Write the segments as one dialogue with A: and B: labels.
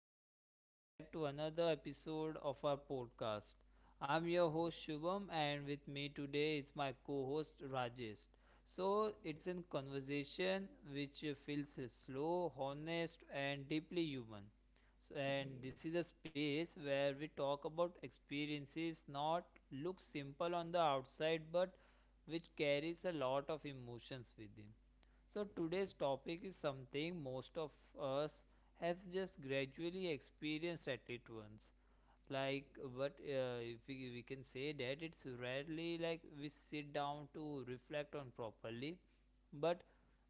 A: and welcome back to another episode of our podcast. I'm your host Shubham, and with me today is my co host Rajesh. So, it's a conversation which feels slow, honest, and deeply human. So, and this is a space where we talk about experiences not look simple on the outside but which carries a lot of emotions within. So today's topic is something most of us have just gradually experienced at least once. Like, but if we can say that it's rarely like we sit down to reflect on properly. But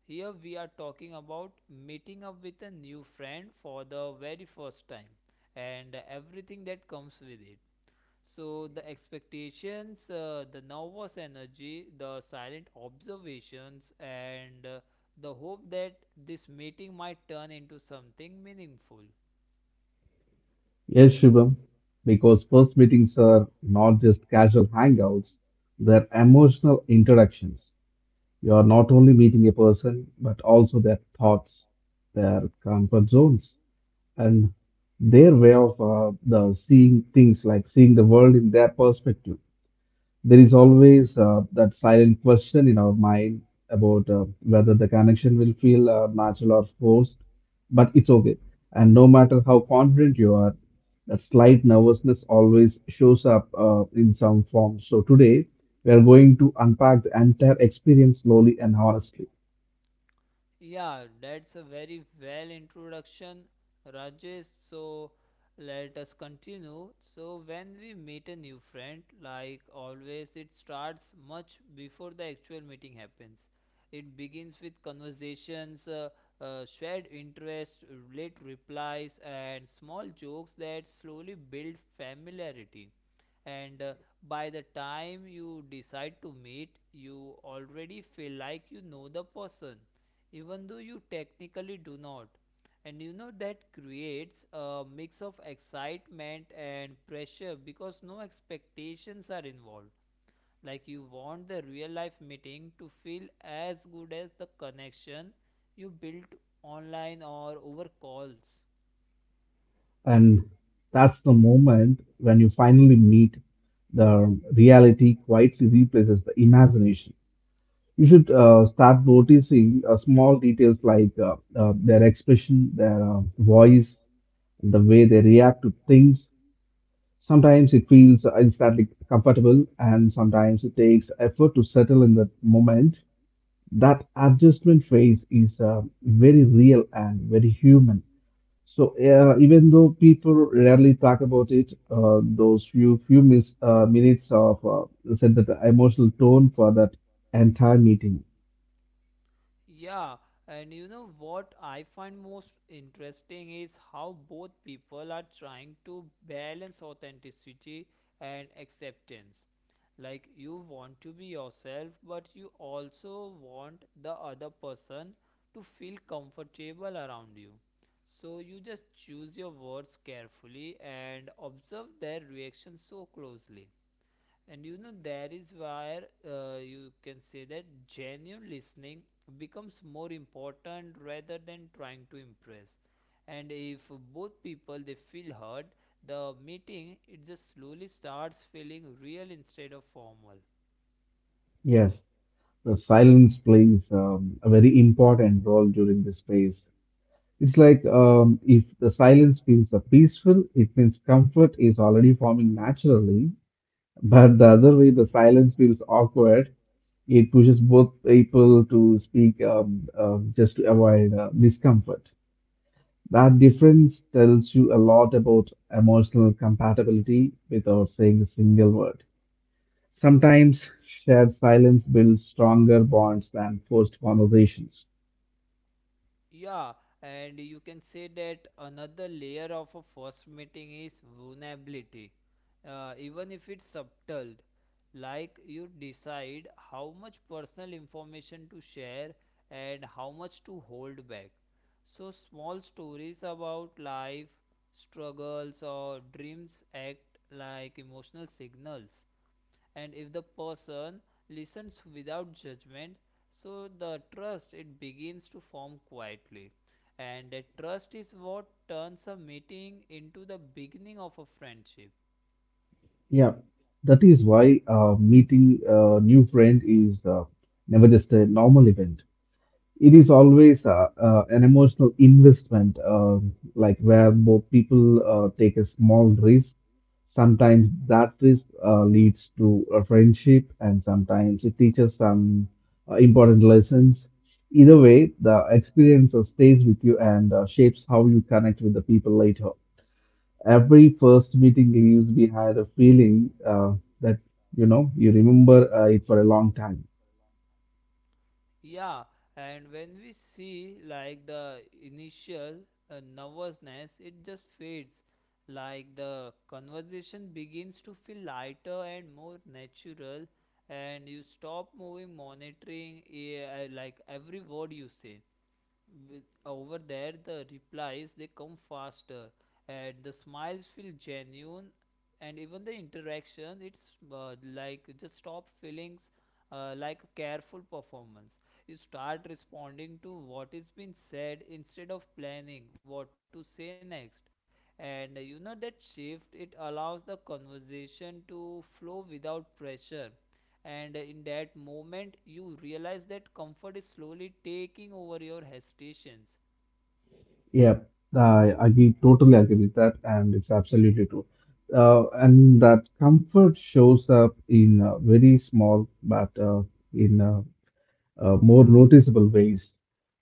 A: here we are talking about meeting up with a new friend for the very first time and everything that comes with it. So the expectations, the nervous energy, the silent observations, and the hope that this meeting might turn into something meaningful.
B: Yes, Shubham, because first meetings are not just casual hangouts, they're emotional interactions. You are not only meeting a person, but also their thoughts, their comfort zones, and their way of the seeing things, like seeing the world in their perspective. There is always that silent question in our mind about whether the connection will feel natural or forced, but it's okay. And no matter how confident you are, that slight nervousness always shows up in some form. So today, we are going to unpack the entire experience slowly and honestly.
A: Yeah, that's a very well introduction, Rajesh. So let us continue. So when we meet a new friend, like always, it starts much before the actual meeting happens. It begins with conversations, shared interests, late replies, and small jokes that slowly build familiarity. And by the time you decide to meet, you already feel like you know the person even though you technically do not, and you know that creates a mix of excitement and pressure because no expectations are involved. Like you want the real life meeting to feel as good as the connection you built online or over calls.
B: And that's the moment when you finally meet the reality quietly replaces the imagination. You should start noticing small details like their expression, their voice, and the way they react to things. Sometimes it feels instantly comfortable, and sometimes it takes effort to settle in that moment. That adjustment phase is very real and very human. So even though people rarely talk about it, those few few mis- minutes of set the emotional tone for that entire meeting.
A: Yeah, and you know what I find most interesting is how both people are trying to balance authenticity and acceptance. Like, you want to be yourself, but you also want the other person to feel comfortable around you. So, you just choose your words carefully and observe their reaction so closely, and you know that is where you can say that genuine listening becomes more important rather than trying to impress. And if both people they feel heard, the meeting it just slowly starts feeling real instead of formal.
B: Yes, the silence plays a very important role during this phase. It's like if the silence feels peaceful, it means comfort is already forming naturally. But the other way, the silence feels awkward. It pushes both people to speak just to avoid discomfort. That difference tells you a lot about emotional compatibility without saying a single word. Sometimes shared silence builds stronger bonds than forced conversations.
A: Yeah, and you can say that another layer of a first meeting is vulnerability, even if it's subtle. Like you decide how much personal information to share and how much to hold back. So, small stories about life, struggles, or dreams act like emotional signals, and if the person listens without judgment, so the trust it begins to form quietly, and that trust is what turns a meeting into the beginning of a friendship.
B: Yeah, that is why meeting a new friend is never just a normal event. It is always an emotional investment, like where more people take a small risk. Sometimes that risk leads to a friendship, and sometimes it teaches some important lessons. Either way, the experience stays with you and shapes how you connect with the people later. Every first meeting leaves behind a feeling that you know you remember it for a long time.
A: Yeah, and when we see like the initial nervousness it just fades. Like the conversation begins to feel lighter and more natural, and you stop moving monitoring like every word you say. With over there the replies they come faster and the smiles feel genuine, and even the interaction it's like just stop feelings like a careful performance. You start responding to what is being said instead of planning what to say next, and you know that shift it allows the conversation to flow without pressure, and in that moment you realize that comfort is slowly taking over your hesitations.
B: Yeah, I agree, totally agree with that, and it's absolutely true. And that comfort shows up in very small but in more noticeable ways,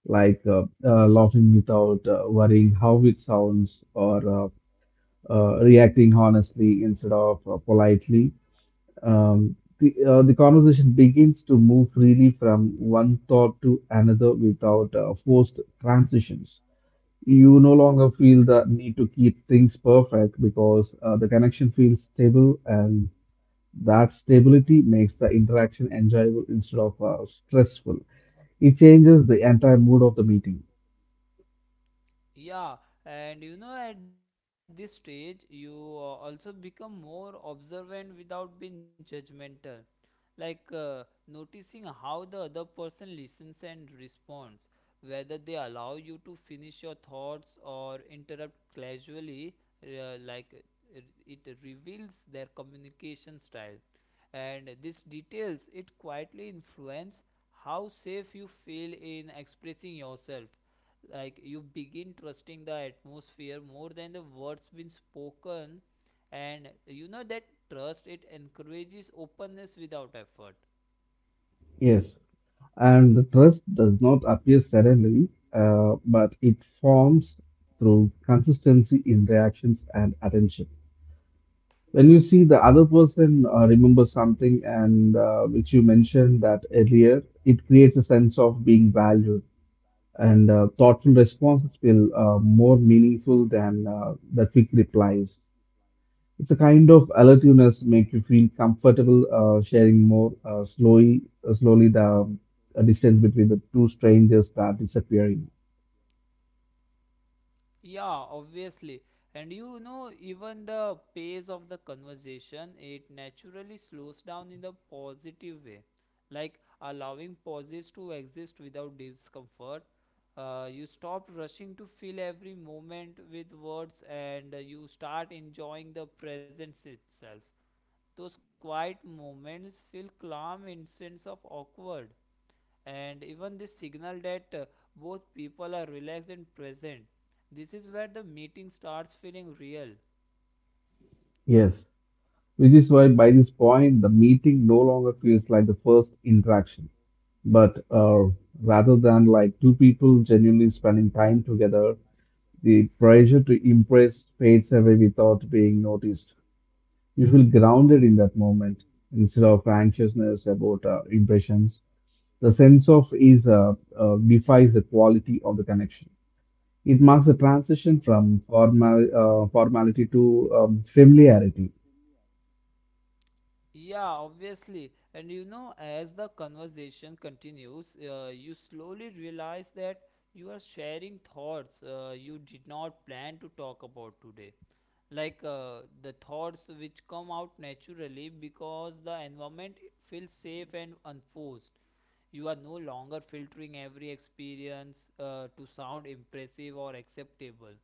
B: like laughing without worrying how it sounds, or reacting honestly instead of politely. The conversation begins to move freely from one thought to another without forced transitions. You no longer feel the need to keep things perfect because the connection feels stable, and that stability makes the interaction enjoyable instead of stressful. It changes the entire mood of the meeting.
A: Yeah, and you know, at this stage, you also become more observant without being judgmental. Like noticing how the other person listens and responds, whether they allow you to finish your thoughts or interrupt casually, uh, like uh, r- it reveals their communication style. And these details, it quietly influence how safe you feel in expressing yourself. Like you begin trusting the atmosphere more than the words being spoken, and you know that trust it encourages openness without effort.
B: Yes, and the trust does not appear suddenly, but it forms through consistency in reactions and attention. When you see the other person remember something and which you mentioned that earlier, it creates a sense of being valued, and thoughtful responses feel more meaningful than the quick replies. It's a kind of alertness make you feel comfortable sharing more slowly. Slowly, the distance between the two strangers start disappearing.
A: Yeah, obviously. And you know even the pace of the conversation it naturally slows down in the positive way, like allowing pauses to exist without discomfort. You stop rushing to fill every moment with words, and you start enjoying the presence itself. Those quiet moments feel calm in sense of awkward, and even this signal that both people are relaxed and present. This is where the meeting starts feeling real.
B: Yes, which is why by this point the meeting no longer feels like the first interaction, but rather than like two people genuinely spending time together, the pressure to impress fades away without being noticed. You feel grounded in that moment instead of anxiousness about impressions. The sense of ease defies the quality of the connection. It marks a transition from formality to familiarity.
A: Yeah, obviously. And you know, as the conversation continues, you slowly realize that you are sharing thoughts you did not plan to talk about today. Like the thoughts which come out naturally because the environment feels safe and unforced. You are no longer filtering every experience to sound impressive or acceptable.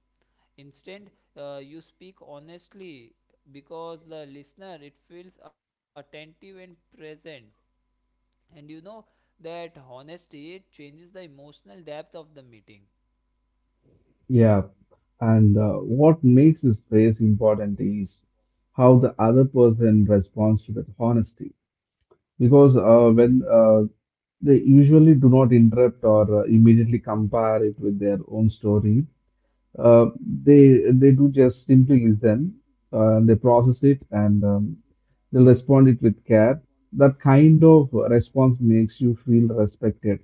A: Instead, you speak honestly because the listener it feels attentive and present. And you know that honesty it changes the emotional depth of the meeting.
B: Yeah, and what makes this space important is how the other person responds to that honesty. Because when they usually do not interrupt or immediately compare it with their own story. Uh, they do just simply listen, they process it, and they'll respond it with care. That kind of response makes you feel respected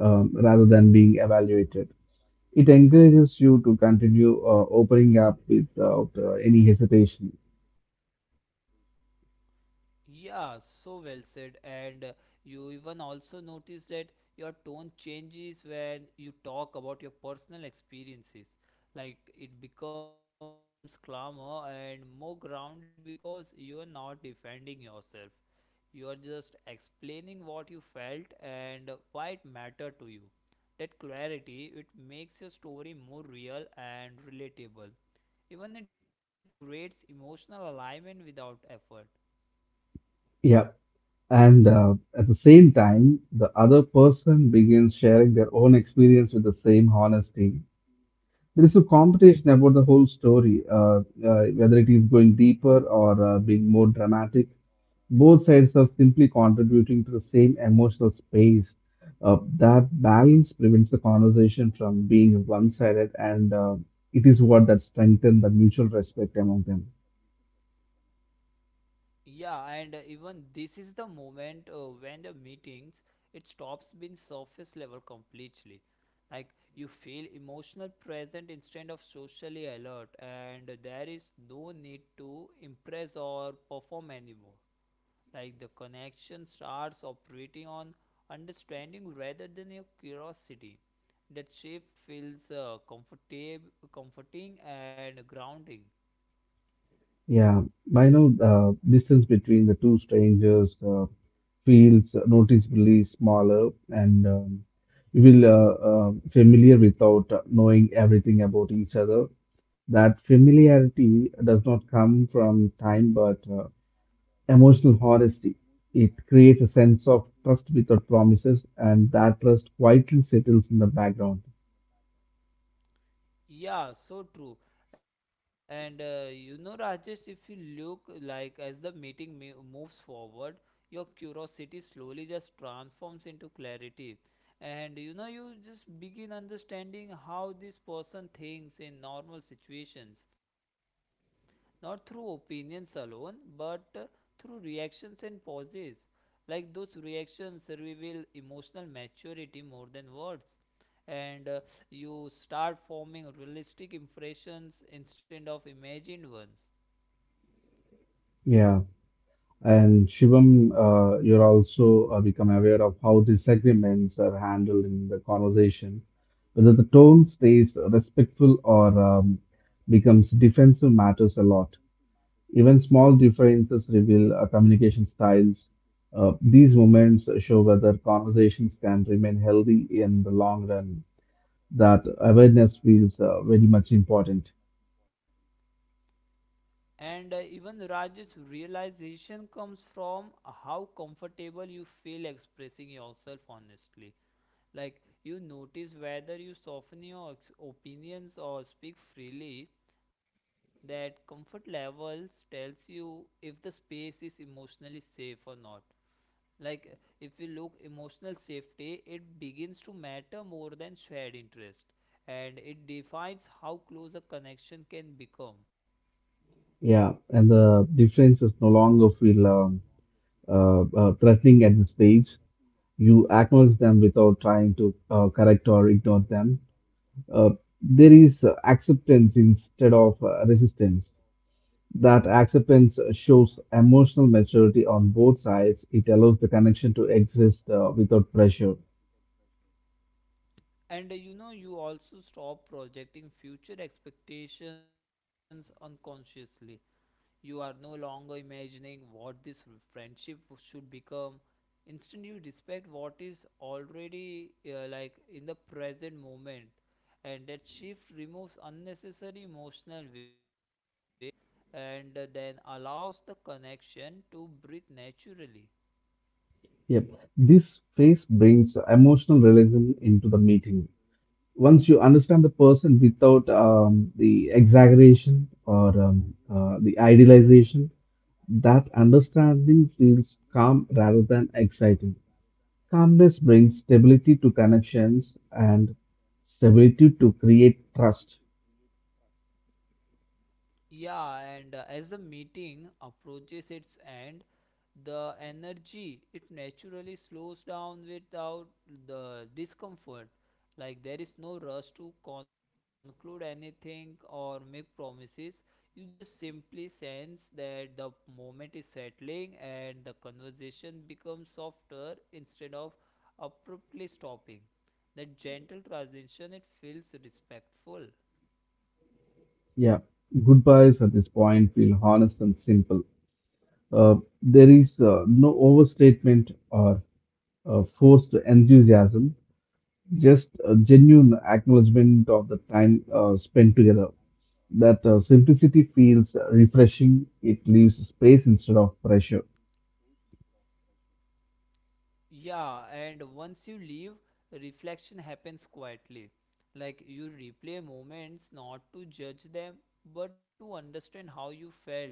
B: rather than being evaluated. It encourages you to continue opening up without any hesitation.
A: Yeah, so well said. And you even also notice that your tone changes when you talk about your personal experiences. Like it becomes calmer and more grounded because you are not defending yourself. You are just explaining what you felt and why it mattered to you. That clarity, it makes your story more real and relatable. Even it creates emotional alignment without effort.
B: Yeah, and at the same time, the other person begins sharing their own experience with the same honesty. There is a competition about the whole story, whether it is going deeper or being more dramatic. Both sides are simply contributing to the same emotional space. That balance prevents the conversation from being one sided, and it is what that strengthens the mutual respect among them.
A: Yeah, and even this is the moment when the meetings it stops being surface level completely. Like you feel emotional present instead of socially alert, and there is no need to impress or perform anymore. Like the connection starts operating on understanding rather than your curiosity. That shift feels comfortable, comforting, and grounding.
B: Yeah, I know the distance between the two strangers feels noticeably smaller, and you feel familiar without knowing everything about each other. That familiarity does not come from time, but emotional honesty. It creates a sense of trust without promises, and that trust quietly settles in the background.
A: Yeah, so true. And you know, Rajesh, if you look like as the meeting moves forward, your curiosity slowly just transforms into clarity. And you know, you just begin understanding how this person thinks in normal situations, not through opinions alone, but through reactions and pauses. Like those reactions reveal emotional maturity more than words, and you start forming realistic impressions instead of imagined ones.
B: Yeah. And Shivam, you're also become aware of how disagreements are handled in the conversation, whether the tone stays respectful or becomes defensive matters a lot. Even small differences reveal communication styles. These moments show whether conversations can remain healthy in the long run. That awareness feels very much important.
A: And even Raj's realization comes from how comfortable you feel expressing yourself honestly. Like you notice whether you soften your opinions or speak freely. That comfort levels tells you if the space is emotionally safe or not. Like if you look emotional safety it begins to matter more than shared interest, and it defines how close a connection can become.
B: Yeah, and the differences no longer feel threatening at this stage. You acknowledge them without trying to correct or ignore them. Uh, there is acceptance instead of resistance. That acceptance shows emotional maturity on both sides. It allows the connection to exist without pressure.
A: And you know, you also stop projecting future expectations unconsciously. You are no longer imagining what this friendship should become. Instead, you respect what is already like in the present moment, and that shift removes unnecessary emotional weight and then allows the connection to breathe naturally.
B: Yep. This phase brings emotional realism into the meeting. Once you understand the person without the exaggeration or the idealization, that understanding feels calm rather than exciting. Calmness brings stability to connections, and stability to create trust.
A: Yeah, and as the meeting approaches its end, the energy it naturally slows down without the discomfort. Like there is no rush to conclude anything or make promises. You just simply sense that the moment is settling and the conversation becomes softer instead of abruptly stopping. That gentle transition it feels respectful.
B: Yeah, goodbyes at this point feel honest and simple. Uh, there is no overstatement or forced enthusiasm, just a genuine acknowledgement of the time spent together. That simplicity feels refreshing. It leaves space instead of pressure.
A: Yeah, and once you leave, reflection happens quietly. Like you replay moments not to judge them, but to understand how you felt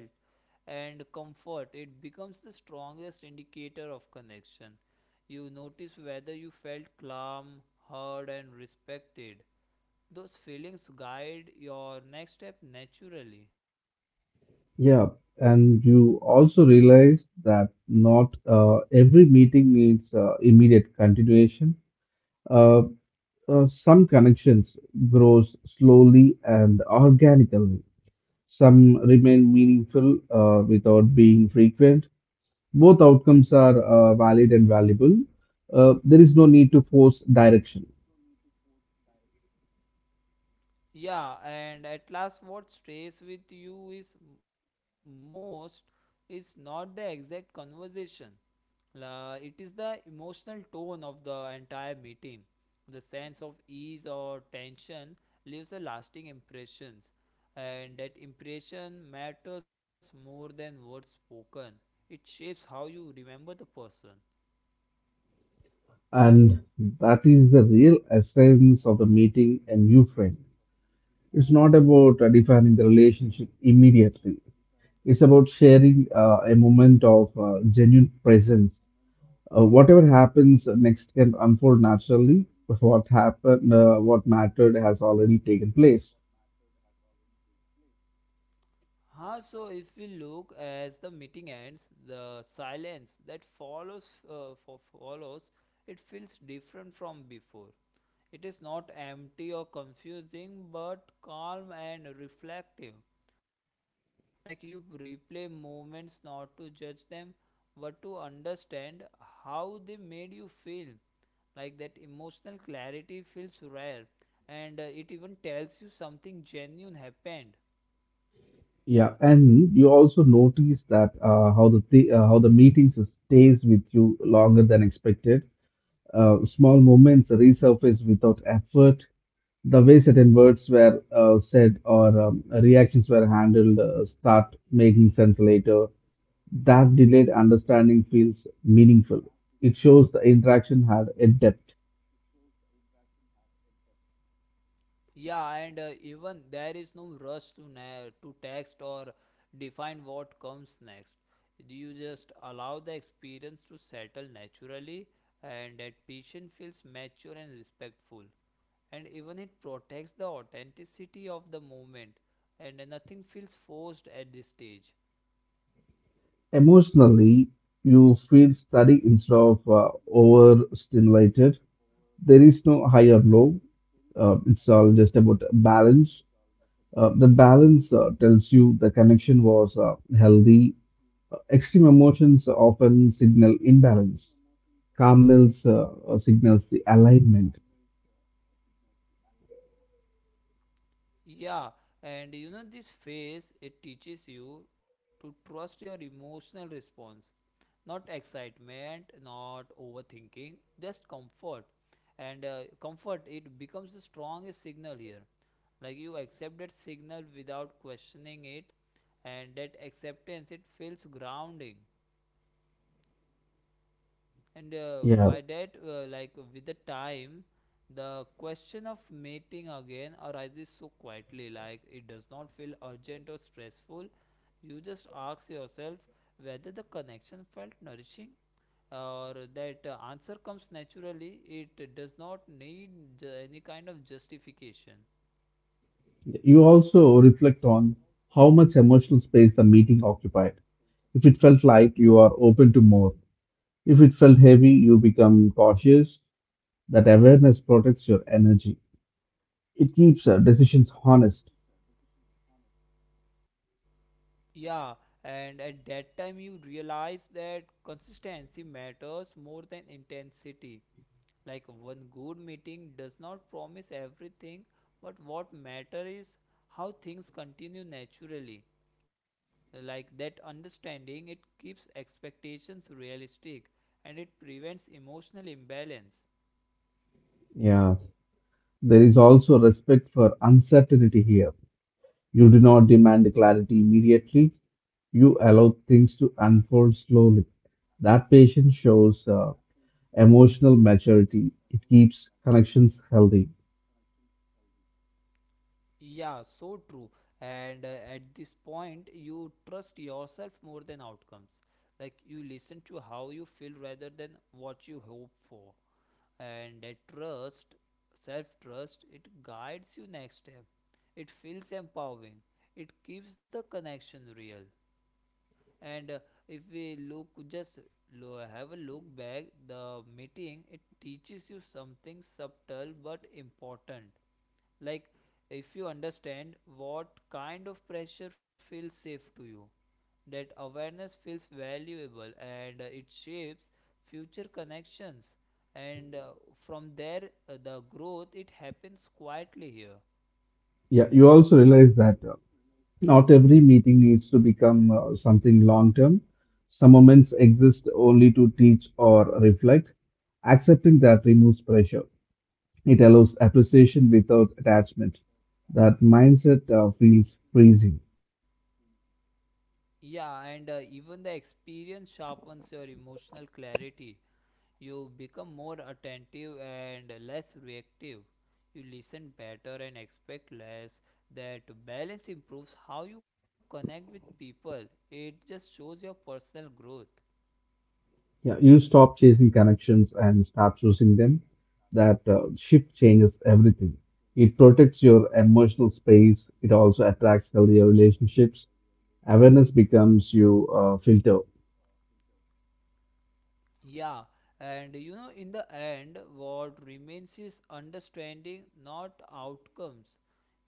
A: and comfort. It becomes the strongest indicator of connection. You notice whether you felt calm, heard, and respected. Those feelings guide your next step naturally.
B: Yeah, and you also realize that not every meeting needs immediate continuation. Uh, some connections grows slowly and organically. Some remain meaningful without being frequent. Both outcomes are valid and valuable. There is no need to force direction.
A: Yeah, and at last, what stays with you most is not the exact conversation. La it is the emotional tone of the entire meeting. The sense of ease or tension leaves a lasting impressions, and that impression matters more than words spoken. It shapes how you remember the person.
B: And that is the real essence of the meeting a new friend. It's not about defining the relationship immediately, it's about sharing a moment of genuine presence. Whatever happens next can unfold naturally, but what happened, what mattered, has already taken place.
A: Huh, so if we look as the meeting ends, the silence that follows for follows, it feels different from before. It is not empty or confusing, but calm and reflective. Like you replay moments not to judge them, but to understand how they made you feel. Like that emotional clarity feels rare, and it even tells you something genuine happened.
B: Yeah, and you also notice that how the meeting stays with you longer than expected. Small moments resurface without effort. The way certain words were said or reactions were handled start making sense later. That delayed understanding feels meaningful. It shows the interaction had a depth.
A: Yeah, and even there is no rush to to text or define what comes next. You just allow the experience to settle naturally, and that patient feels mature and respectful, and even it protects the authenticity of the moment, and nothing feels forced at this stage.
B: Emotionally, you feel steady instead of overstimulated. There is no high or low. It's all just about balance. The balance tells you the connection was healthy. Extreme emotions often signal imbalance. Calmness signals the alignment.
A: Yeah, and you know, this phase it teaches you to trust your emotional response, not excitement, not overthinking, just comfort. And comfort it becomes the strongest signal here. Like you accept that signal without questioning it, and that acceptance it feels grounding, and
B: Yeah.
A: by that like with the time the question of mating again arises so quietly. Like it does not feel urgent or stressful, you just ask yourself whether the connection felt nourishing or that answer comes naturally. It does not need any kind of justification.
B: You also reflect on how much emotional space the meeting occupied. If it felt light, you are open to more. If it felt heavy, you become cautious. That awareness protects your energy. It keeps decisions honest.
A: Yeah, and at that time you realize that consistency matters more than intensity. Like one good meeting does not promise everything, but what matter is how things continue naturally. Like that understanding it keeps expectations realistic, and it prevents emotional imbalance.
B: Yeah, there is also respect for uncertainty here. You do not demand clarity immediately, you allow things to unfold slowly. That patience shows emotional maturity. It keeps connections healthy.
A: Yeah, so true. And at this point, you trust yourself more than outcomes. Like you listen to how you feel rather than what you hope for. And that trust, self trust, it guides you next step. It feels empowering. It keeps the connection real and if we look just have a look back the meeting, it teaches you something subtle but important. Like, if you understand what kind of pressure feels safe to you, that awareness feels valuable, and it shapes future connections, and from there, the growth it happens quietly here.
B: Yeah, you also realize that not every meeting needs to become something long term. Some moments exist only to teach or reflect. Accepting that removes pressure. It allows appreciation without attachment. That mindset feels freezing.
A: Yeah, and even the experience sharpens your emotional clarity. You become more attentive and less reactive. You listen better and expect less. That balance improves how you connect with people. It just shows your personal growth.
B: Yeah, you stop chasing connections and start choosing them. That shift changes everything. It protects your emotional space. It also attracts healthier relationships. Awareness becomes your filter.
A: Yeah, and you know, in the end, what remains is understanding, not outcomes.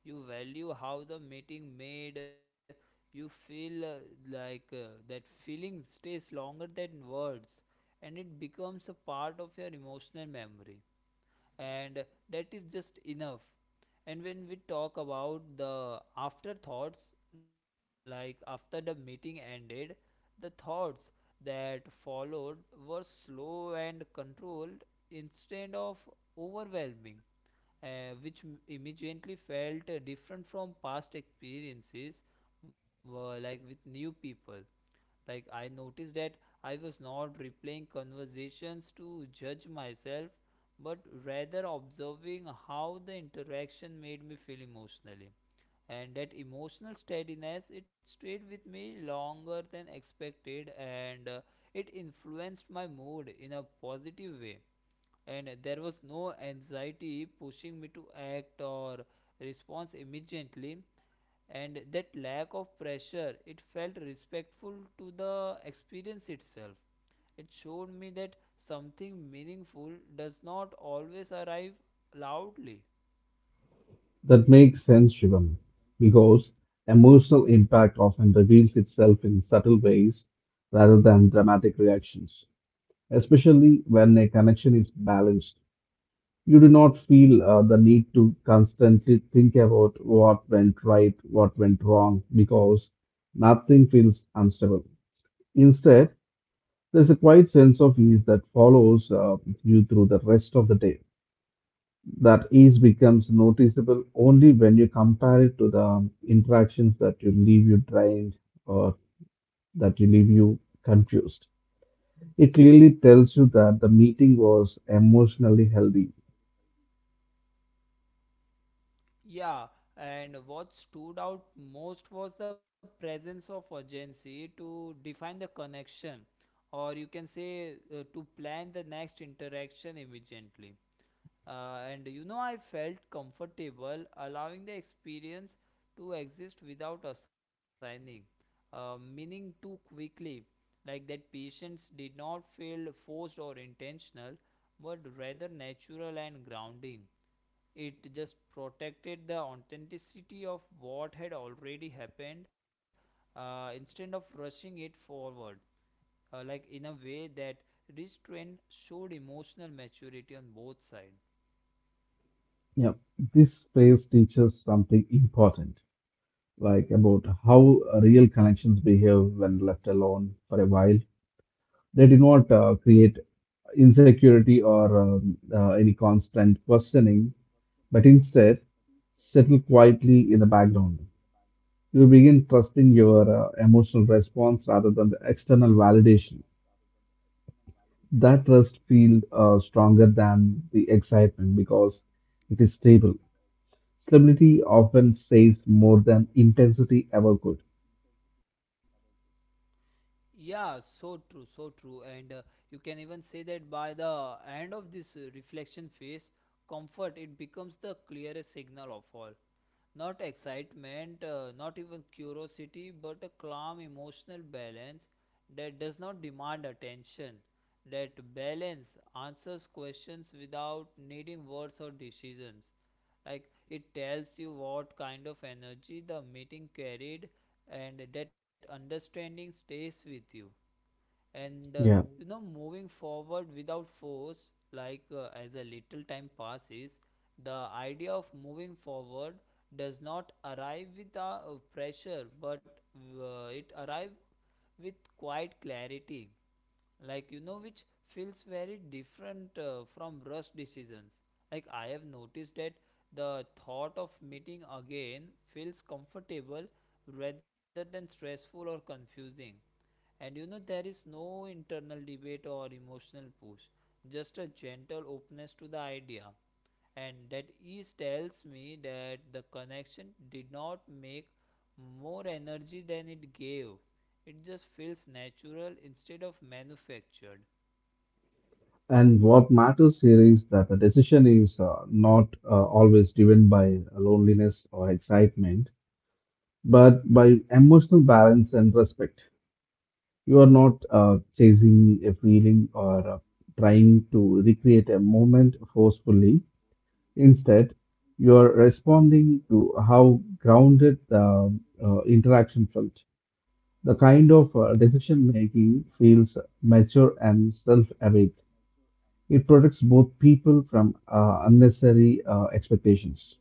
A: You value how the meeting made you feel, like, that feeling stays longer than words, and it becomes a part of your emotional memory. And that is just enough. And when we talk about the afterthoughts, like after the meeting ended, the thoughts that followed were slow and controlled instead of overwhelming, which immediately felt different from past experiences, like with new people. Like, I noticed that I was not replaying conversations to judge myself, but rather observing how the interaction made me feel emotionally, and that emotional steadiness it stayed with me longer than expected, and it influenced my mood in a positive way, and there was no anxiety pushing me to act or respond immediately, and that lack of pressure it felt respectful to the experience itself. It showed me that something meaningful does not always arrive loudly.
B: That makes sense, Shivam, because emotional impact often reveals itself in subtle ways rather than dramatic reactions, especially when a connection is balanced. You do not feel the need to constantly think about what went right, what went wrong, because nothing feels unstable. Instead, there's a quiet sense of ease that follows you through the rest of the day. That ease becomes noticeable only when you compare it to the interactions that you leave you drained or that you leave you confused. It clearly tells you that the meeting was emotionally healthy.
A: Yeah, and what stood out most was the presence of urgency to define the connection, or you can say, to plan the next interaction immediately. And you know, I felt comfortable allowing the experience to exist without assigning meaning too quickly, like that patients did not feel forced or intentional, were rather natural and grounding. It just protected the authenticity of what had already happened, instead of rushing it forward, like in a way that restraint showed emotional maturity on both sides.
B: Yeah, this phrase teaches something important, like about how real connections behave when left alone for a while. They do not create insecurity or any constant questioning, but instead settle quietly in the background. You begin trusting your emotional response rather than the external validation. That trust feels stronger than the excitement because it is stable. Stability often says more than intensity ever could.
A: Yeah, so true, so true. And you can even say that by the end of this reflection phase, comfort it becomes the clearest signal of all. Not excitement, not even curiosity, but a calm emotional balance that does not demand attention. That balance answers questions without needing words or decisions, like it tells you what kind of energy the meeting carried, and that understanding stays with you, and
B: Yeah.
A: you know, moving forward without force, like, as a little time passes, the idea of moving forward does not arrive with a pressure, but it arrives with quite clarity, like you know, which feels very different from rush decisions. Like, I have noticed that the thought of meeting again feels comfortable rather than stressful or confusing, and you know, there is no internal debate or emotional push, just a gentle openness to the idea, and that ease tells me that the connection did not make more energy than it gave. It just feels natural instead of manufactured.
B: And what matters here is that the decision is not always driven by loneliness or excitement, but by emotional balance and respect. You are not chasing a feeling or trying to recreate a moment forcefully. Instead, you are responding to how grounded the interaction felt. The kind of decision making feels mature and self awake. It protects both people from unnecessary expectations.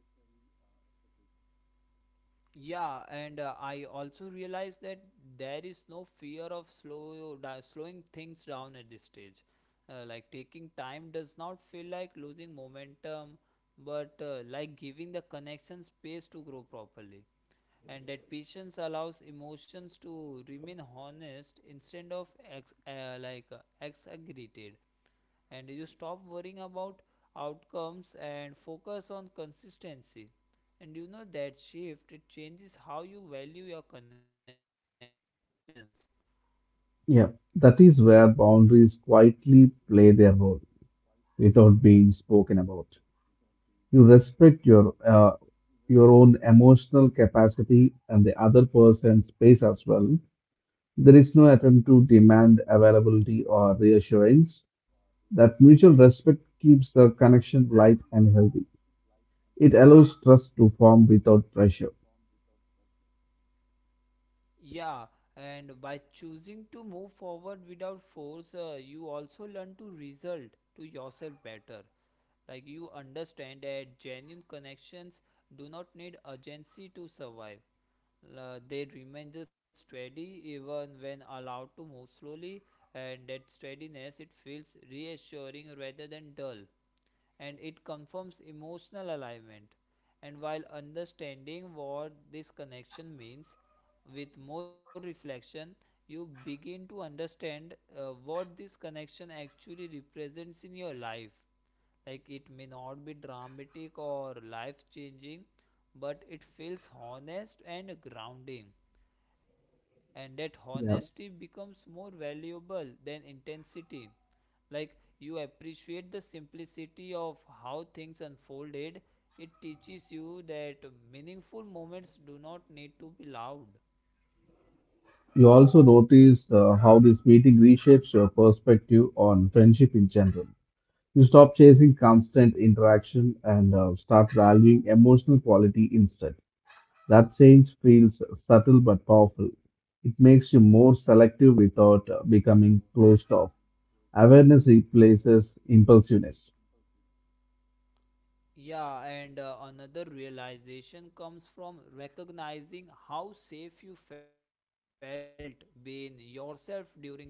A: Yeah, and I also realized that there is no fear of slowing things down at this stage. Like, taking time does not feel like losing momentum, but like giving the connection space to grow properly, and that patience allows emotions to remain honest instead of like exaggerated, and you stop worrying about outcomes and focus on consistency, and you know, that shift it changes how you value your connections.
B: Yeah, that is where boundaries quietly play their role without being spoken about. You respect your own emotional capacity and the other person's space as well. There is no attempt to demand availability or reassurance. That mutual respect keeps the connection light and healthy. It allows trust to form without pressure.
A: Yeah, and by choosing to move forward without force, you also learn to result to yourself better. Like, you understand that genuine connections do not need urgency to survive. They remain just steady even when allowed to move slowly, and that steadiness it feels reassuring rather than dull, and it confirms emotional alignment. And while understanding what this connection means, with more reflection, you begin to understand what this connection actually represents in your life. Like, it may not be dramatic or life changing, but it feels honest and grounding, and that honesty
B: Yeah.
A: becomes more valuable than intensity. Like, you appreciate the simplicity of how things unfolded. It teaches you that meaningful moments do not need to be loud.
B: You also notice how this meeting reshapes your perspective on friendship in general. You stop chasing constant interaction and start valuing emotional quality instead. That change feels subtle but powerful. It makes you more selective without becoming closed off. Awareness replaces impulsiveness.
A: Yeah, and another realization comes from recognizing how safe you felt being yourself during the interaction.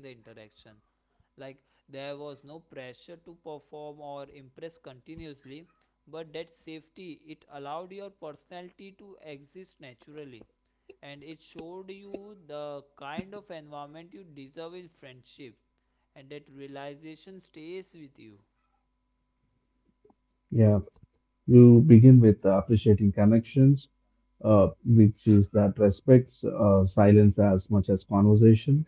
A: Like, there was no pressure to perform or impress continuously, but that safety it allowed your personality to exist naturally, and it showed you the kind of environment you deserve in friendship, and that realization stays with you.
B: Yeah. You begin with appreciating connections, which is that respects silence as much as conversation.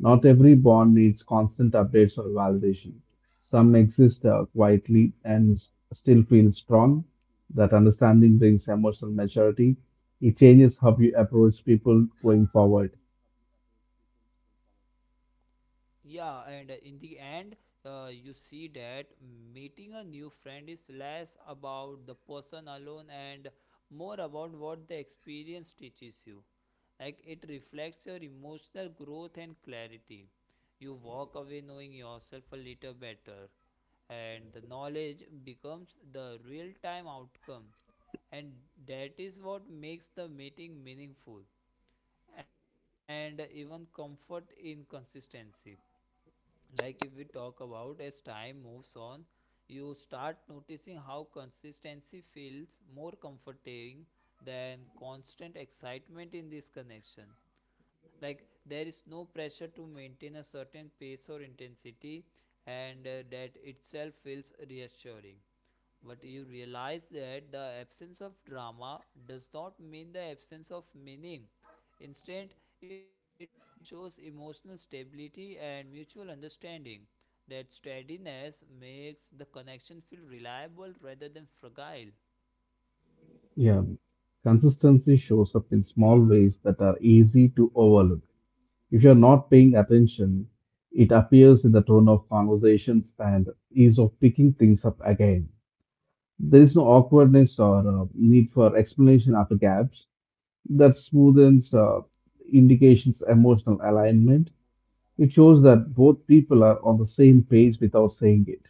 B: Not every bond needs constant updates or validation. Some exist quietly and still feel strong. That understanding brings emotional maturity. It changes how you approach people going forward.
A: Yeah, and in the end, you see that meeting a new friend is less about the person alone and more about what the experience teaches you. Like, it reflects your emotional growth and clarity. You walk away knowing yourself a little better, and the knowledge becomes the real time outcome. And that is what makes the meeting meaningful, and even comfort in consistency. Like, if we talk about as time moves on, you start noticing how consistency feels more comforting than constant excitement in this connection. Like, there is no pressure to maintain a certain pace or intensity, and that itself feels reassuring, but you realize that the absence of drama does not mean the absence of meaning. Instead, it shows emotional stability and mutual understanding. That steadiness makes the connection feel reliable rather than fragile.
B: Yeah. Consistency shows up in small ways that are easy to overlook. If you're not paying attention, it appears in the tone of conversations and ease of picking things up again. There is no awkwardness or need for explanation after gaps. That smoothens indications emotional alignment. It shows that both people are on the same page without saying it.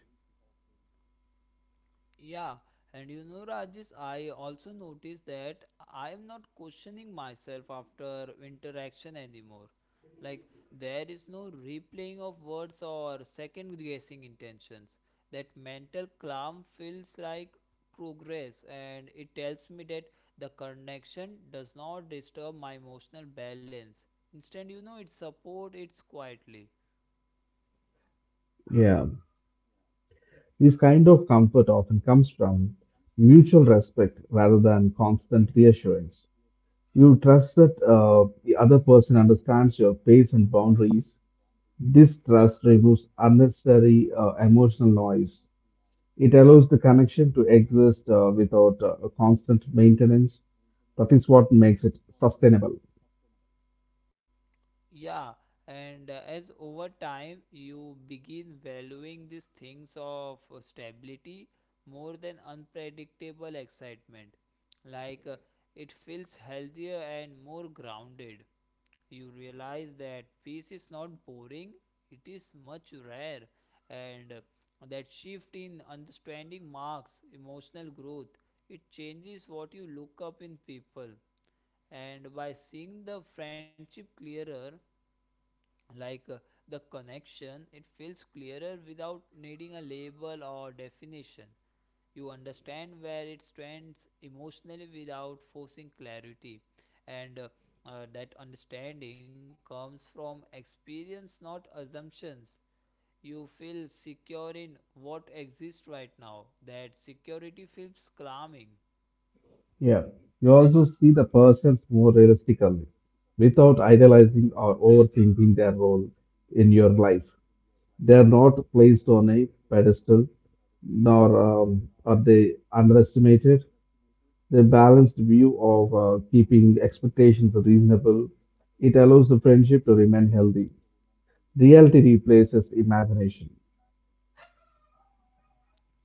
A: Yeah, and you know, Rajesh, I also noticed that I'm not questioning myself after interaction anymore. Like, there is no replaying of words or second guessing intentions. That mental calm feels like progress, and it tells me that the connection does not disturb my emotional balance. Instead, you know, it supports it quietly.
B: Yeah, this kind of comfort often comes from mutual respect rather than constant reassurance. You trust that the other person understands your pace and boundaries. This trust removes unnecessary emotional noise. It allows the connection to exist without a constant maintenance. That is what makes it sustainable.
A: Yeah, and as over time you begin valuing these things of stability more than unpredictable excitement. Like, it feels healthier and more grounded. You realize that peace is not boring, it is much rare, and that shift in understanding marks emotional growth. It changes what you look up in people, and by seeing the friendship clearer, like, the connection it feels clearer without needing a label or definition. You understand where it stands emotionally without forcing clarity, and that understanding comes from experience, not assumptions. You feel secure in what exists right now. That security feels calming.
B: Yeah. You also see the persons more realistically, without idealizing or overthinking their role in your life. They are not placed on a pedestal, nor are they underestimated. The balanced view of keeping expectations reasonable, it allows the friendship to remain healthy. Reality replaces imagination.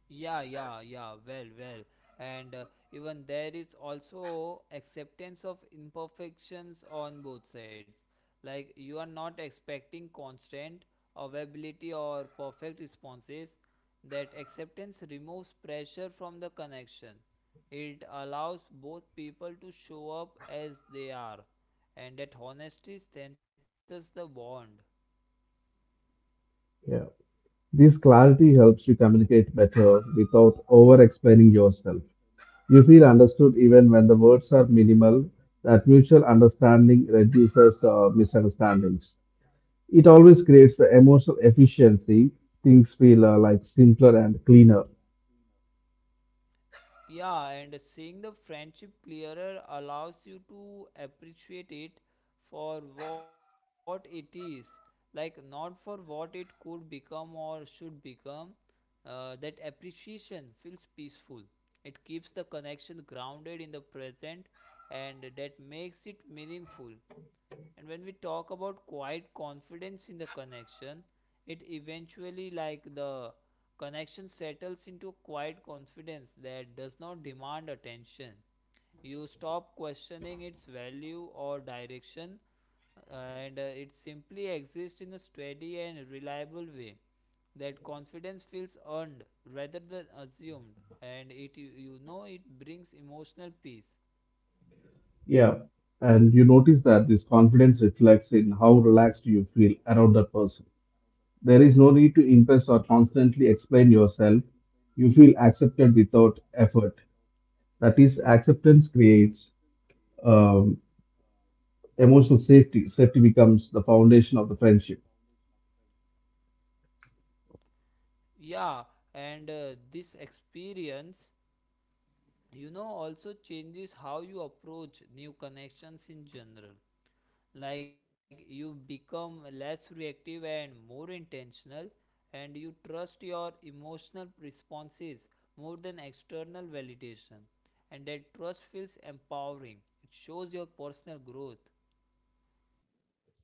A: Yeah, yeah, yeah, well, well. And even there is also acceptance of imperfections on both sides. Like, you are not expecting constant availability or perfect responses. That acceptance removes pressure from the connection. It allows both people to show up as they are, and that honesty strengthens the bond.
B: Yeah. This clarity helps you communicate better without over explaining yourself. You feel understood even when the words are minimal. That mutual understanding reduces misunderstandings. It always creates the emotional efficiency. Things feel like simpler and cleaner.
A: Yeah, and seeing the friendship clearer allows you to appreciate it for what it is, like not for what it could become or should become. That appreciation feels peaceful. It keeps the connection grounded in the present, and that makes it meaningful. And when we talk about quiet confidence in the connection, it eventually, like the connection settles into quiet confidence that does not demand attention. You stop questioning its value or direction, and it simply exists in a steady and reliable way. That confidence feels earned rather than assumed, and it, you know, it brings emotional peace.
B: Yeah. And you notice that this confidence reflects in how relaxed you feel around that person. There is no need to impress or constantly explain yourself. You feel accepted without effort. That is, acceptance creates um, emotional safety. Safety becomes the foundation of the friendship.
A: Yeah, and this experience, you know, also changes how you approach new connections in general. Like, you become less reactive and more intentional, and you trust your emotional responses more than external validation. And that trust feels empowering, it shows your personal growth.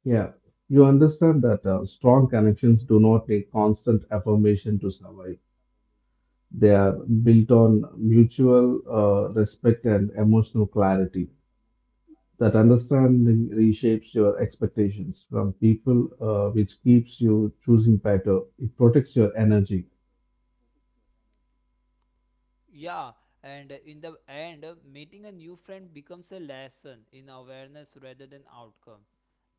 B: Yeah. You understand that strong connections do not need constant affirmation to survive. They are built on mutual respect and emotional clarity. That understanding reshapes your expectations from people, which keeps you choosing better. It protects your energy.
A: Yeah, and in the end, meeting a new friend becomes a lesson in awareness rather than outcome.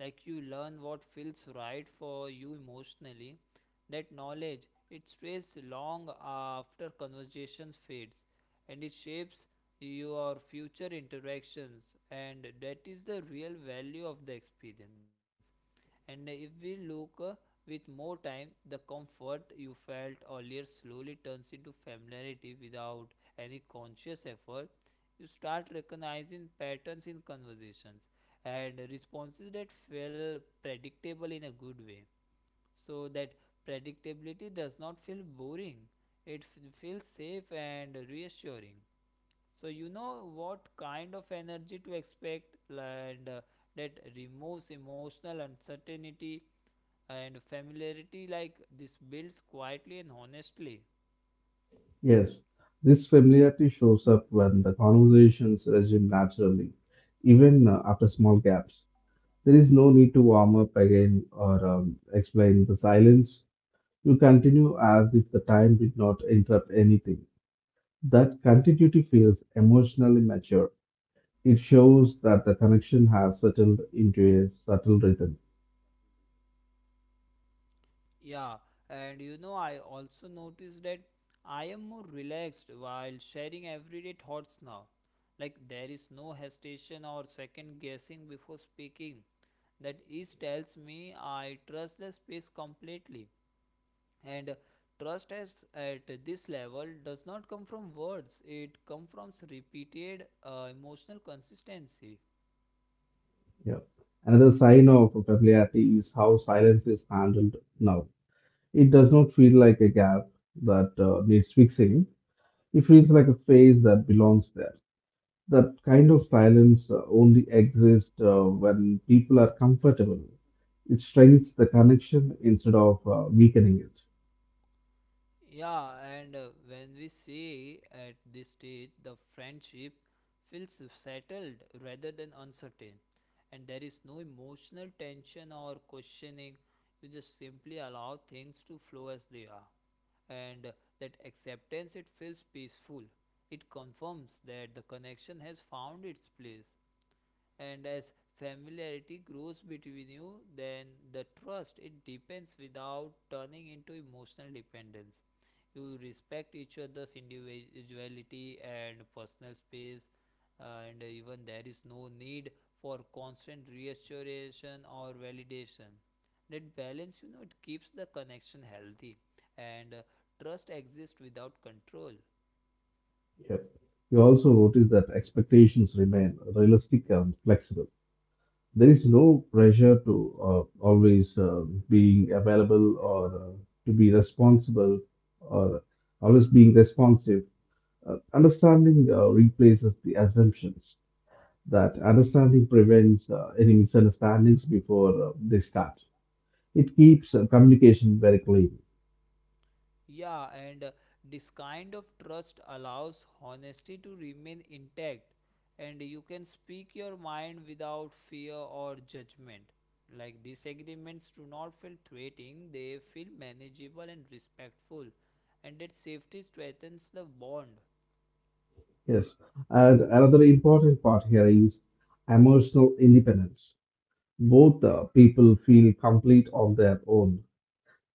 A: Like, you learn what feels right for you emotionally. That knowledge it stays long after conversation fades, and it shapes your future interactions, and that is the real value of the experience. And if we look, with more time the comfort you felt earlier slowly turns into familiarity without any conscious effort. You start recognizing patterns in conversations and responses that feel predictable in a good way, so that predictability does not feel boring, it feels safe and reassuring, so you know what kind of energy to expect, and that removes emotional uncertainty, and familiarity like this builds quietly and honestly.
B: Yes, this familiarity shows up when the conversations resume naturally, even after small gaps. There is no need to warm up again or explain the silence. You continue as if the time did not interrupt anything. That continuity feels emotionally mature. It shows that the connection has settled into a subtle rhythm.
A: Yeah, and you know, I also noticed that I am more relaxed while sharing everyday thoughts now. Like, there is no hesitation or second guessing before speaking. That each tells me I trust the space completely. And trust as at this level does not come from words, it comes from repeated emotional consistency.
B: Yeah. Another sign of familiarity is how silence is handled now. It does not feel like a gap that needs fixing. It feels like a phase that belongs there. That kind of silence only exists when people are comfortable. It strengthens the connection instead of weakening it.
A: Yeah, and when we see at this stage, the friendship feels settled rather than uncertain, and there is no emotional tension or questioning. You just simply allow things to flow as they are, and that acceptance it feels peaceful. It confirms that the connection has found its place, and as familiarity grows between you, then the trust it deepens without turning into emotional dependence. You respect each other's individuality and personal space, and even there is no need for constant reassuration or validation. That balance, you know, it keeps the connection healthy, and trust exists without control.
B: Yep. You also notice that expectations remain realistic and flexible. There is no pressure to always being available or to be responsible or always being responsive. Understanding replaces the assumptions that understanding prevents any misunderstandings before they start. It keeps communication very clean.
A: Yeah, and this kind of trust allows honesty to remain intact, and you can speak your mind without fear or judgment. Like, disagreements do not feel threatening, they feel manageable and respectful, and that safety strengthens the bond.
B: Yes. And another important part here is emotional independence. Both people feel complete on their own.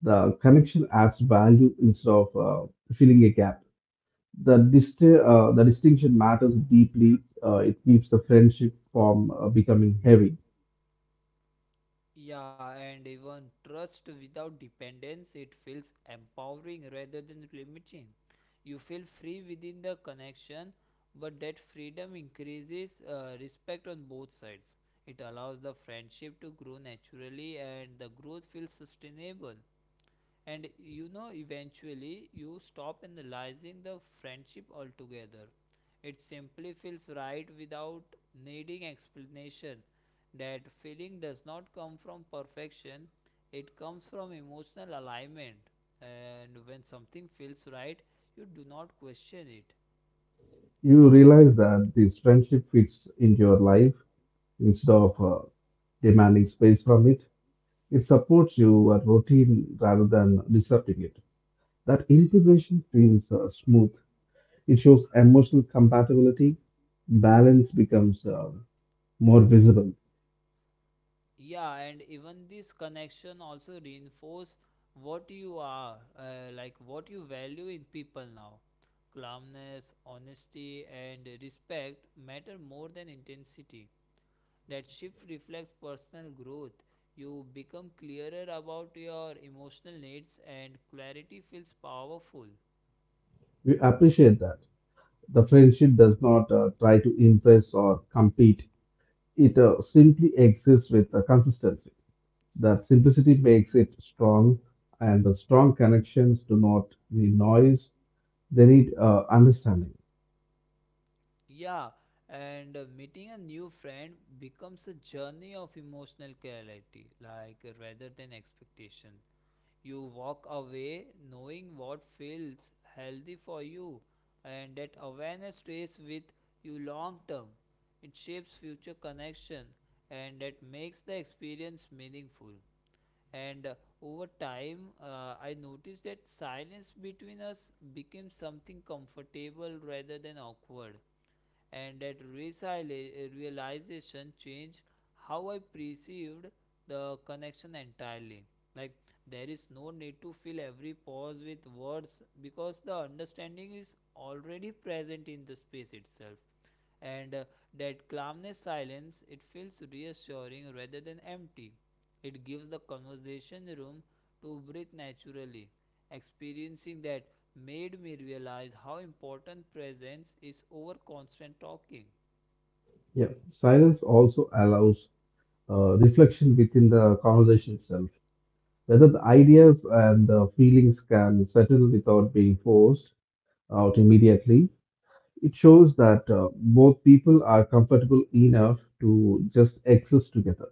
B: The connection adds value instead of filling a gap. The distinction matters deeply. It keeps the friendship from becoming heavy.
A: Yeah, and even trust without dependence, it feels empowering rather than limiting. You feel free within the connection, but that freedom increases respect on both sides. It allows the friendship to grow naturally, and the growth feels sustainable, and you know, eventually you stop analyzing the friendship altogether. It simply feels right without needing explanation. That feeling does not come from perfection, it comes from emotional alignment, and when something feels right, you do not question it.
B: You realize that this friendship fits into your life instead of demanding space from it. It supports your routine rather than disrupting it. That integration feels smooth. It shows emotional compatibility. Balance becomes more visible.
A: Yeah, and even this connection also reinforce what you are, like what you value in people now. Calmness, honesty, and respect matter more than intensity. That shift reflects personal growth. You become clearer about your emotional needs, and clarity feels powerful.
B: We appreciate that. The friendship does not try to impress or compete. It simply exists with a consistency. That simplicity makes it strong, and the strong connections do not need noise, they need understanding.
A: Yeah, and meeting a new friend becomes a journey of emotional clarity, like rather than expectation. You walk away knowing what feels healthy for you, and that awareness stays with you long term. It shapes future connection, and that makes the experience meaningful. And over time, I noticed that silence between us became something comfortable rather than awkward, and that realization changed how I perceived the connection entirely. Like, there is no need to fill every pause with words, because the understanding is already present in the space itself. And that calmness silence, it feels reassuring rather than empty. It gives the conversation room to breathe naturally. Experiencing that made me realize how important presence is over constant talking.
B: Yeah. Silence also allows reflection within the conversation itself, whether the ideas and the feelings can settle without being forced out immediately. It shows that both people are comfortable enough to just exist together.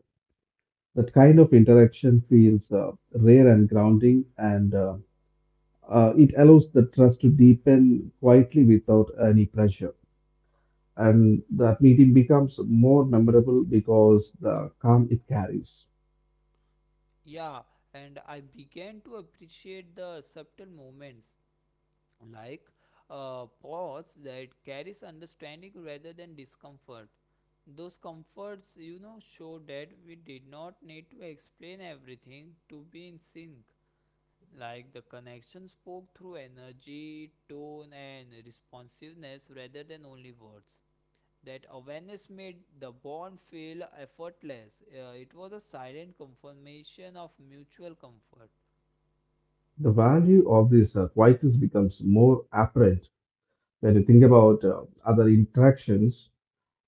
B: That kind of interaction feels rare and grounding, and it allows the trust to deepen quietly without any pressure. And that meeting becomes more memorable because the calm it carries.
A: Yeah, and I began to appreciate the subtle moments, like a pause that carries understanding rather than discomfort. Those comforts, you know, show that we did not need to explain everything to be in sync. Like, the connection spoke through energy, tone, and responsiveness rather than only words. That awareness made the bond feel effortless. It was a silent confirmation of mutual comfort.
B: The value of this quietness becomes more apparent when you think about other interactions.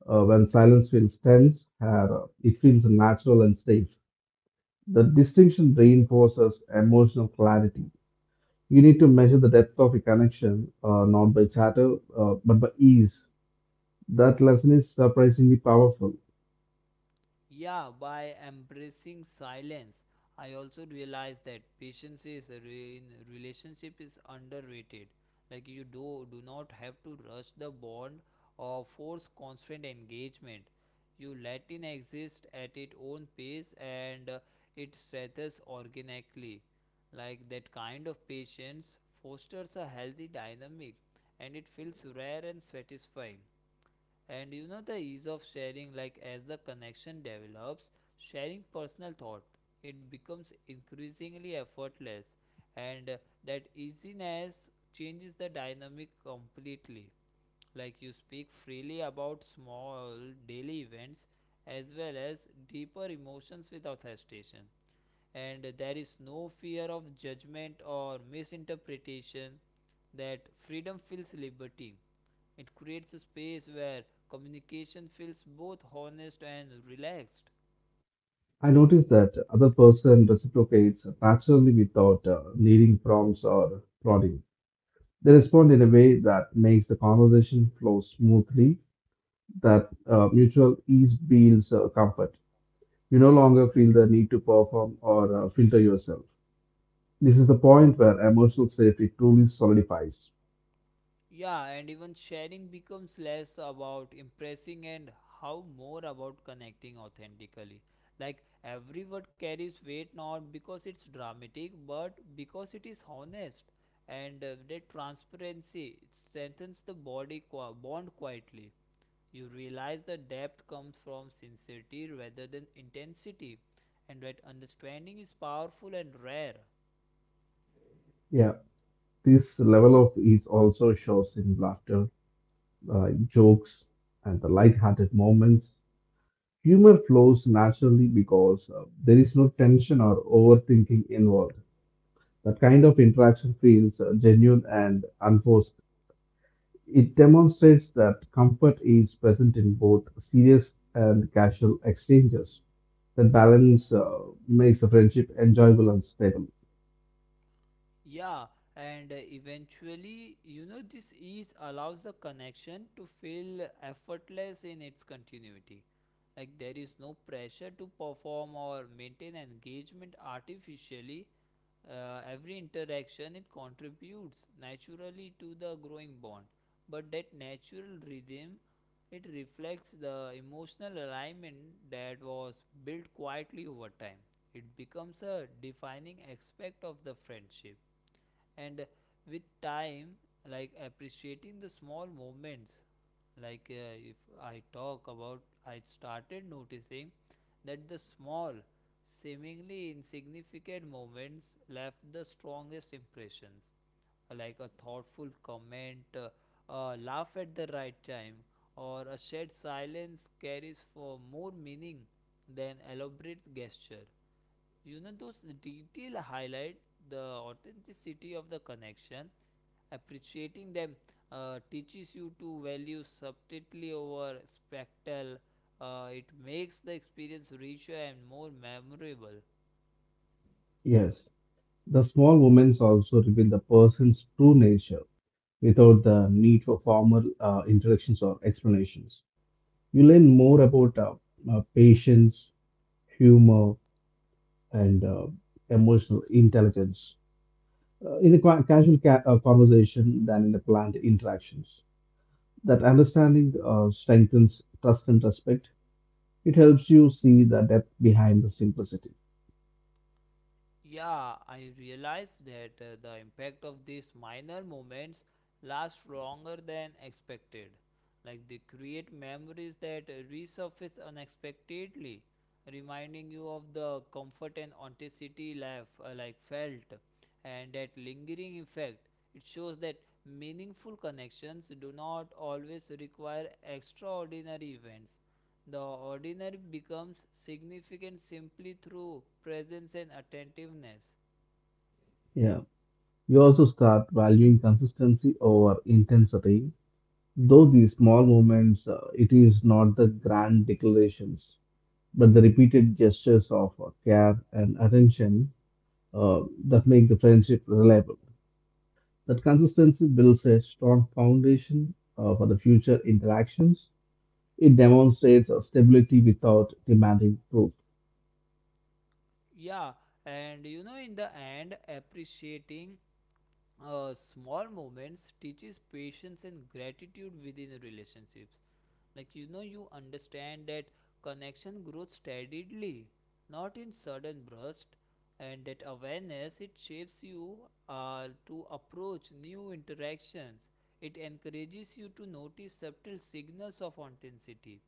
B: When silence feels tense, it feels natural and safe. The distinction reinforces emotional clarity. You need to measure the depth of a connection, not by chatter, but by ease. That lesson is surprisingly powerful.
A: Yeah, by embracing silence, I also realized that patience is in relationship is underrated. Like, you do not have to rush the bond or force constant engagement. You let it exist at its own pace, and it strengthens organically. Like, that kind of patience fosters a healthy dynamic, and it feels rare and satisfying. And you know, the ease of sharing, like as the connection develops, sharing personal thought, it becomes increasingly effortless. And that easiness changes the dynamic completely. Like, you speak freely about small daily events as well as deeper emotions without hesitation, and there is no fear of judgment or misinterpretation. That freedom feels liberty. It creates a space where communication feels both honest and relaxed.
B: I noticed that other person reciprocates naturally without needing prompts or prodding. They respond in a way that makes the conversation flow smoothly. That mutual ease builds comfort. You no longer feel the need to perform or filter yourself. This is the point where emotional safety truly solidifies.
A: Yeah, and even sharing becomes less about impressing and how more about connecting authentically. Like, every word carries weight, not because it's dramatic, but because it is honest. And that transparency, it strengthens the body qua bond quietly. You realize the depth comes from sincerity rather than intensity, and that understanding is powerful and rare.
B: Yeah. This level of ease also shows in laughter, jokes, and the light-hearted moments. Humor flows naturally because there is no tension or overthinking involved. That kind of interaction feels genuine and unforced. It demonstrates that comfort is present in both serious and casual exchanges. That balance makes the friendship enjoyable and stable.
A: Yeah, and eventually, you know, this ease allows the connection to feel effortless in its continuity. Like, there is no pressure to perform or maintain engagement artificially. Every interaction, it contributes naturally to the growing bond, but that natural rhythm, it reflects the emotional alignment that was built quietly over time. It becomes a defining aspect of the friendship. And with time, like appreciating the small moments, like if I talk about, I started noticing that the small, seemingly insignificant moments left the strongest impressions, like a thoughtful comment, a laugh at the right time, or a shared silence carries for more meaning than elaborate gesture. You know, those detail highlight the authenticity of the connection. Appreciating them teaches you to value subtlety over spectacle. It makes the experience richer and more memorable.
B: Yes, the small moments also reveal the person's true nature, without the need for formal introductions or explanations. You learn more about patience, humor, and emotional intelligence in a casual conversation than in the planned interactions. That understanding strengthens trust and respect. It helps you see the depth behind the simplicity.
A: Yeah, I realized that the impact of these minor moments lasts longer than expected. Like, they create memories that resurface unexpectedly, reminding you of the comfort and authenticity life like felt, and that lingering effect. It shows that meaningful connections do not always require extraordinary events. The ordinary becomes significant simply through presence and attentiveness.
B: Yeah. You also start valuing consistency over intensity. Though these small moments, it is not the grand declarations but the repeated gestures of care and attention uh, that make the friendship reliable. That consistency builds a strong foundation for the future interactions. It demonstrates a stability without demanding proof.
A: Yeah, and you know, in the end, appreciating small moments teaches patience and gratitude within the relationships. Like, you know, you understand that connection grows steadily, not in sudden burst, and that awareness, it shapes you to approach new interactions. It encourages you to notice subtle signals of authenticity,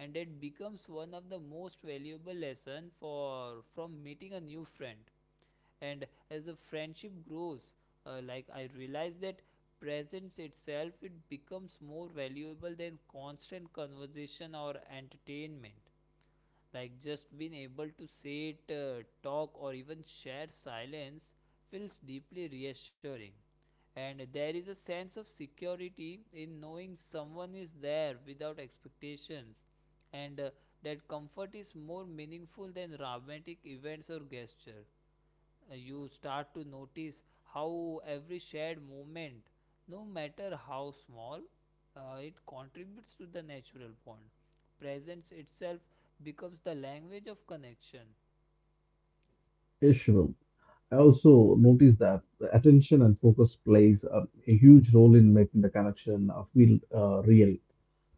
A: and it becomes one of the most valuable lesson for from meeting a new friend. And as the friendship grows, like I realize that presence itself, it becomes more valuable than constant conversation or entertainment. Like, just being able to sit, talk, or even share silence feels deeply reassuring, and there is a sense of security in knowing someone is there without expectations. And that comfort is more meaningful than dramatic events or gesture. You start to notice how every shared moment, no matter how small, it contributes to the natural bond. Presence itself becomes the language of connection.
B: Yeshivum. I also noticed that the attention and focus plays a huge role in making the connection feel real.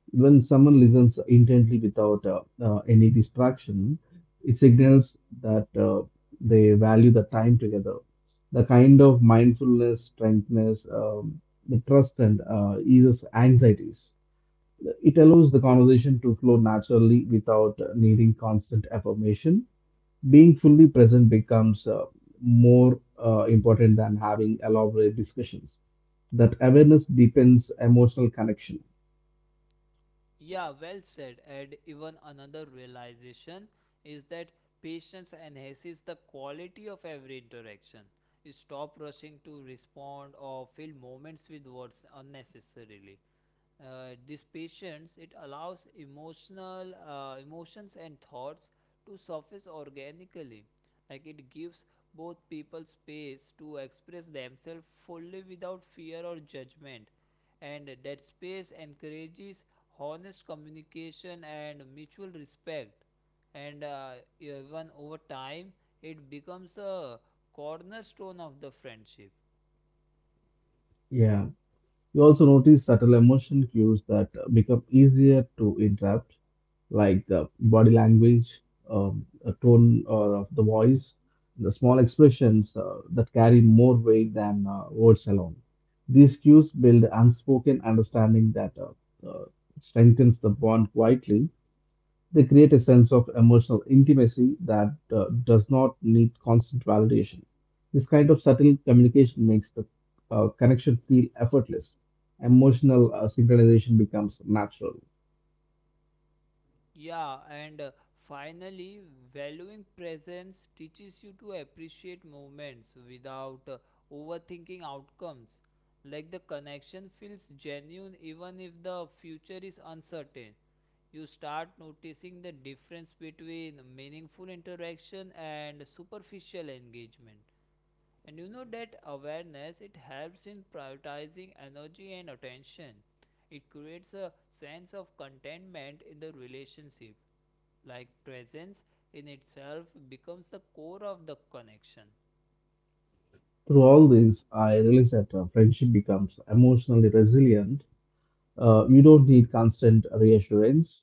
B: When someone listens intently without any distraction, it signals that they value the time together. The kind of mindfulness strengthens the trust and eases anxieties. It allows the conversation to flow naturally without needing constant affirmation. Being fully present becomes more important than having elaborate discussions. That awareness deepens emotional connection.
A: Yeah, well said. And even another realization is that patience enhances the quality of every interaction. You stop rushing to respond or fill moments with words unnecessarily. This patience, it allows emotional emotions and thoughts to surface organically. Like, it gives both people space to express themselves fully without fear or judgment, and that space encourages honest communication and mutual respect. And even over time, it becomes a cornerstone of the friendship.
B: Yeah. You also notice subtle emotion cues that become easier to interrupt, like the body language, a tone or of the voice, the small expressions that carry more weight than words alone. These cues build unspoken understanding that strengthens the bond quietly. They create a sense of emotional intimacy that does not need constant validation. This kind of subtle communication makes the connection feel effortless. Emotional synchronization becomes natural.
A: Yeah, and finally, valuing presence teaches you to appreciate moments without overthinking outcomes. Like, the connection feels genuine even if the future is uncertain. You start noticing the difference between meaningful interaction and superficial engagement, and you know that awareness, it helps in prioritizing energy and attention. It creates a sense of contentment in the relationship. Like, presence in itself becomes the core of the connection.
B: Through all this, I realized that friendship becomes emotionally resilient. You don't need constant reassurance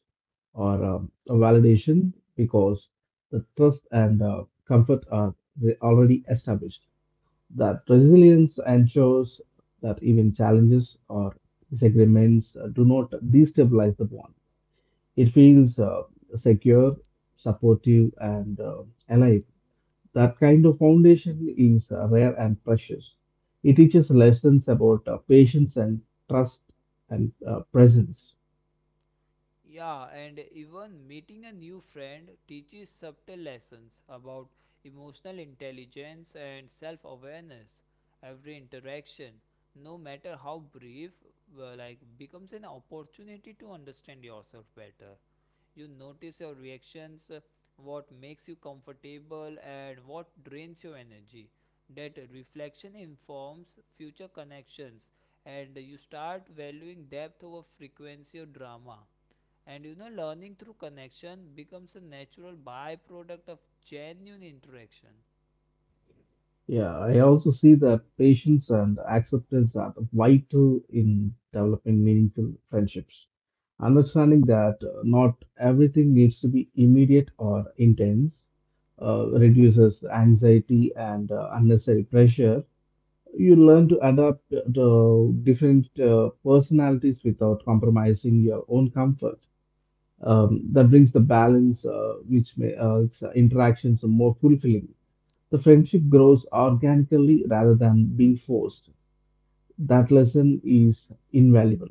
B: or a validation because the trust and comfort are already established. That resilience ensures that even challenges or disagreements do not destabilize the bond. It feels secure, supportive, and alive. That kind of foundation is rare and precious. It teaches lessons about patience and trust and presence.
A: Yeah, and even meeting a new friend teaches subtle lessons about emotional intelligence and self awareness. Every interaction, no matter how brief, well, like becomes an opportunity to understand yourself better. You notice your reactions, what makes you comfortable, and what drains your energy. That reflection informs future connections, and you start valuing depth over frequency or drama. And you know, learning through connection becomes a natural byproduct of genuine interaction.
B: Yeah, I also see that patience and acceptance are vital in developing meaningful friendships. Understanding that not everything needs to be immediate or intense reduces anxiety and unnecessary pressure. You learn to adapt to different personalities without compromising your own comfort. That brings the balance, which makes its interactions more fulfilling. The friendship grows organically rather than being forced. That lesson is invaluable.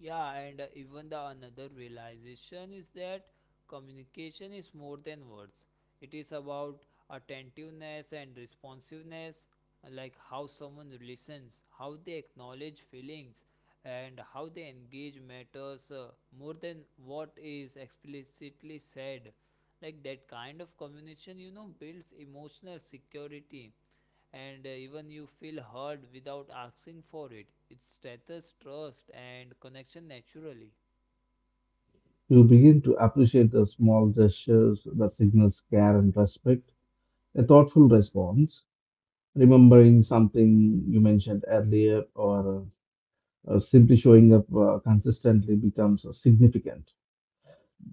A: Yeah, and even the another realization is that communication is more than words. It is about attentiveness and responsiveness, like how someone listens, how they acknowledge feelings, and how they engage matters more than what is explicitly said. Like, that kind of communication, you know, builds emotional security, and even you feel heard without asking for it. It strengthens trust and connection naturally.
B: You begin to appreciate the small gestures that signals care and respect, a thoughtful response, remembering something you mentioned earlier, or simply showing up consistently becomes significant.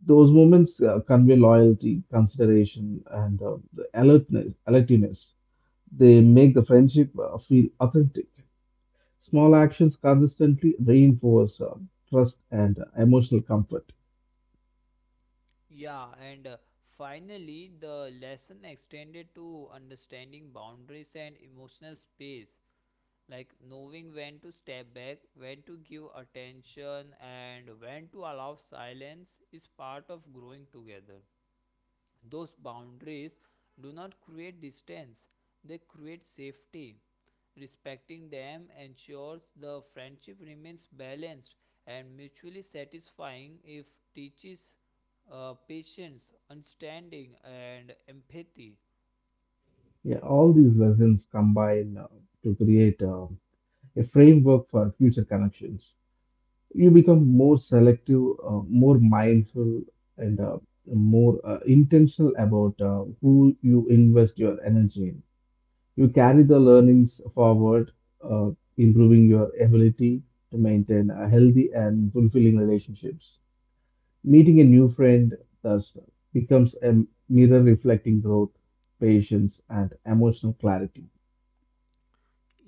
B: Those moments convey loyalty, consideration, and the alertness. They make the friendship feel authentic. Small actions consistently reinforce trust and emotional comfort.
A: Yeah, and finally, the lesson extended to understanding boundaries and emotional space, like knowing when to step back, when to give attention, and when to allow silence is part of growing together. Those boundaries do not create distance, they create safety. Respecting them ensures the friendship remains balanced and mutually satisfying if teaches patience, understanding, and empathy.
B: Yeah, all these lessons combine to create a framework for future connections. You become more selective, more mindful, and more intentional about who you invest your energy in. You carry the learnings forward, uh, improving your ability to maintain a healthy and fulfilling relationships. Meeting a new friend thus becomes a mirror reflecting growth, patience, and emotional clarity.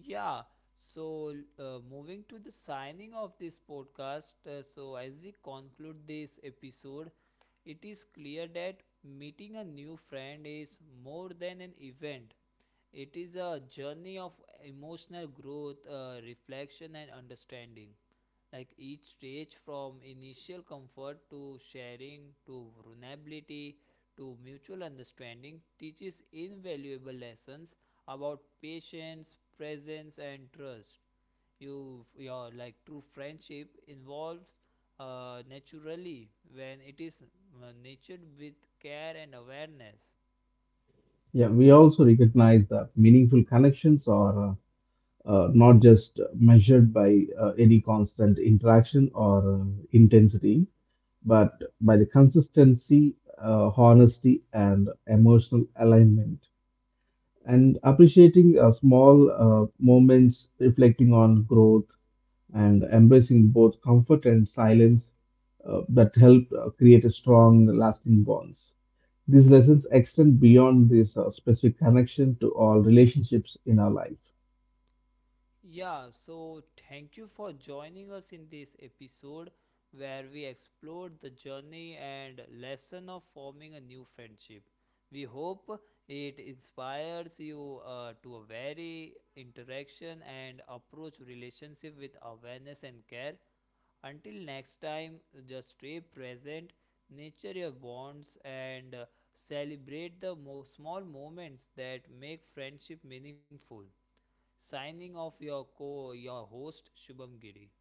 A: Yeah, so moving to the signing of this podcast, so as we conclude this episode, it is clear that meeting a new friend is more than an event. It is a journey of emotional growth, reflection, and understanding. Like, each stage from initial comfort to sharing to vulnerability to mutual understanding teaches invaluable lessons about patience, presence, and trust. You your like true friendship involves naturally when it is nurtured with care and awareness.
B: Yeah, we also recognize that meaningful connections are not just measured by any constant interaction or intensity, but by the consistency, honesty, and emotional alignment. And appreciating small moments, reflecting on growth, and embracing both comfort and silence that help create a strong, lasting bonds. These lessons extend beyond this specific connection to all relationships in our life.
A: Yeah, so thank you for joining us in this episode where we explored the journey and lesson of forming a new friendship. We hope it inspires you to a very interaction and approach relationship with awareness and care. Until next time, just stay present, nurture your bonds, and celebrate the small moments that make friendship meaningful. Signing off, your co your host Shubham Giri.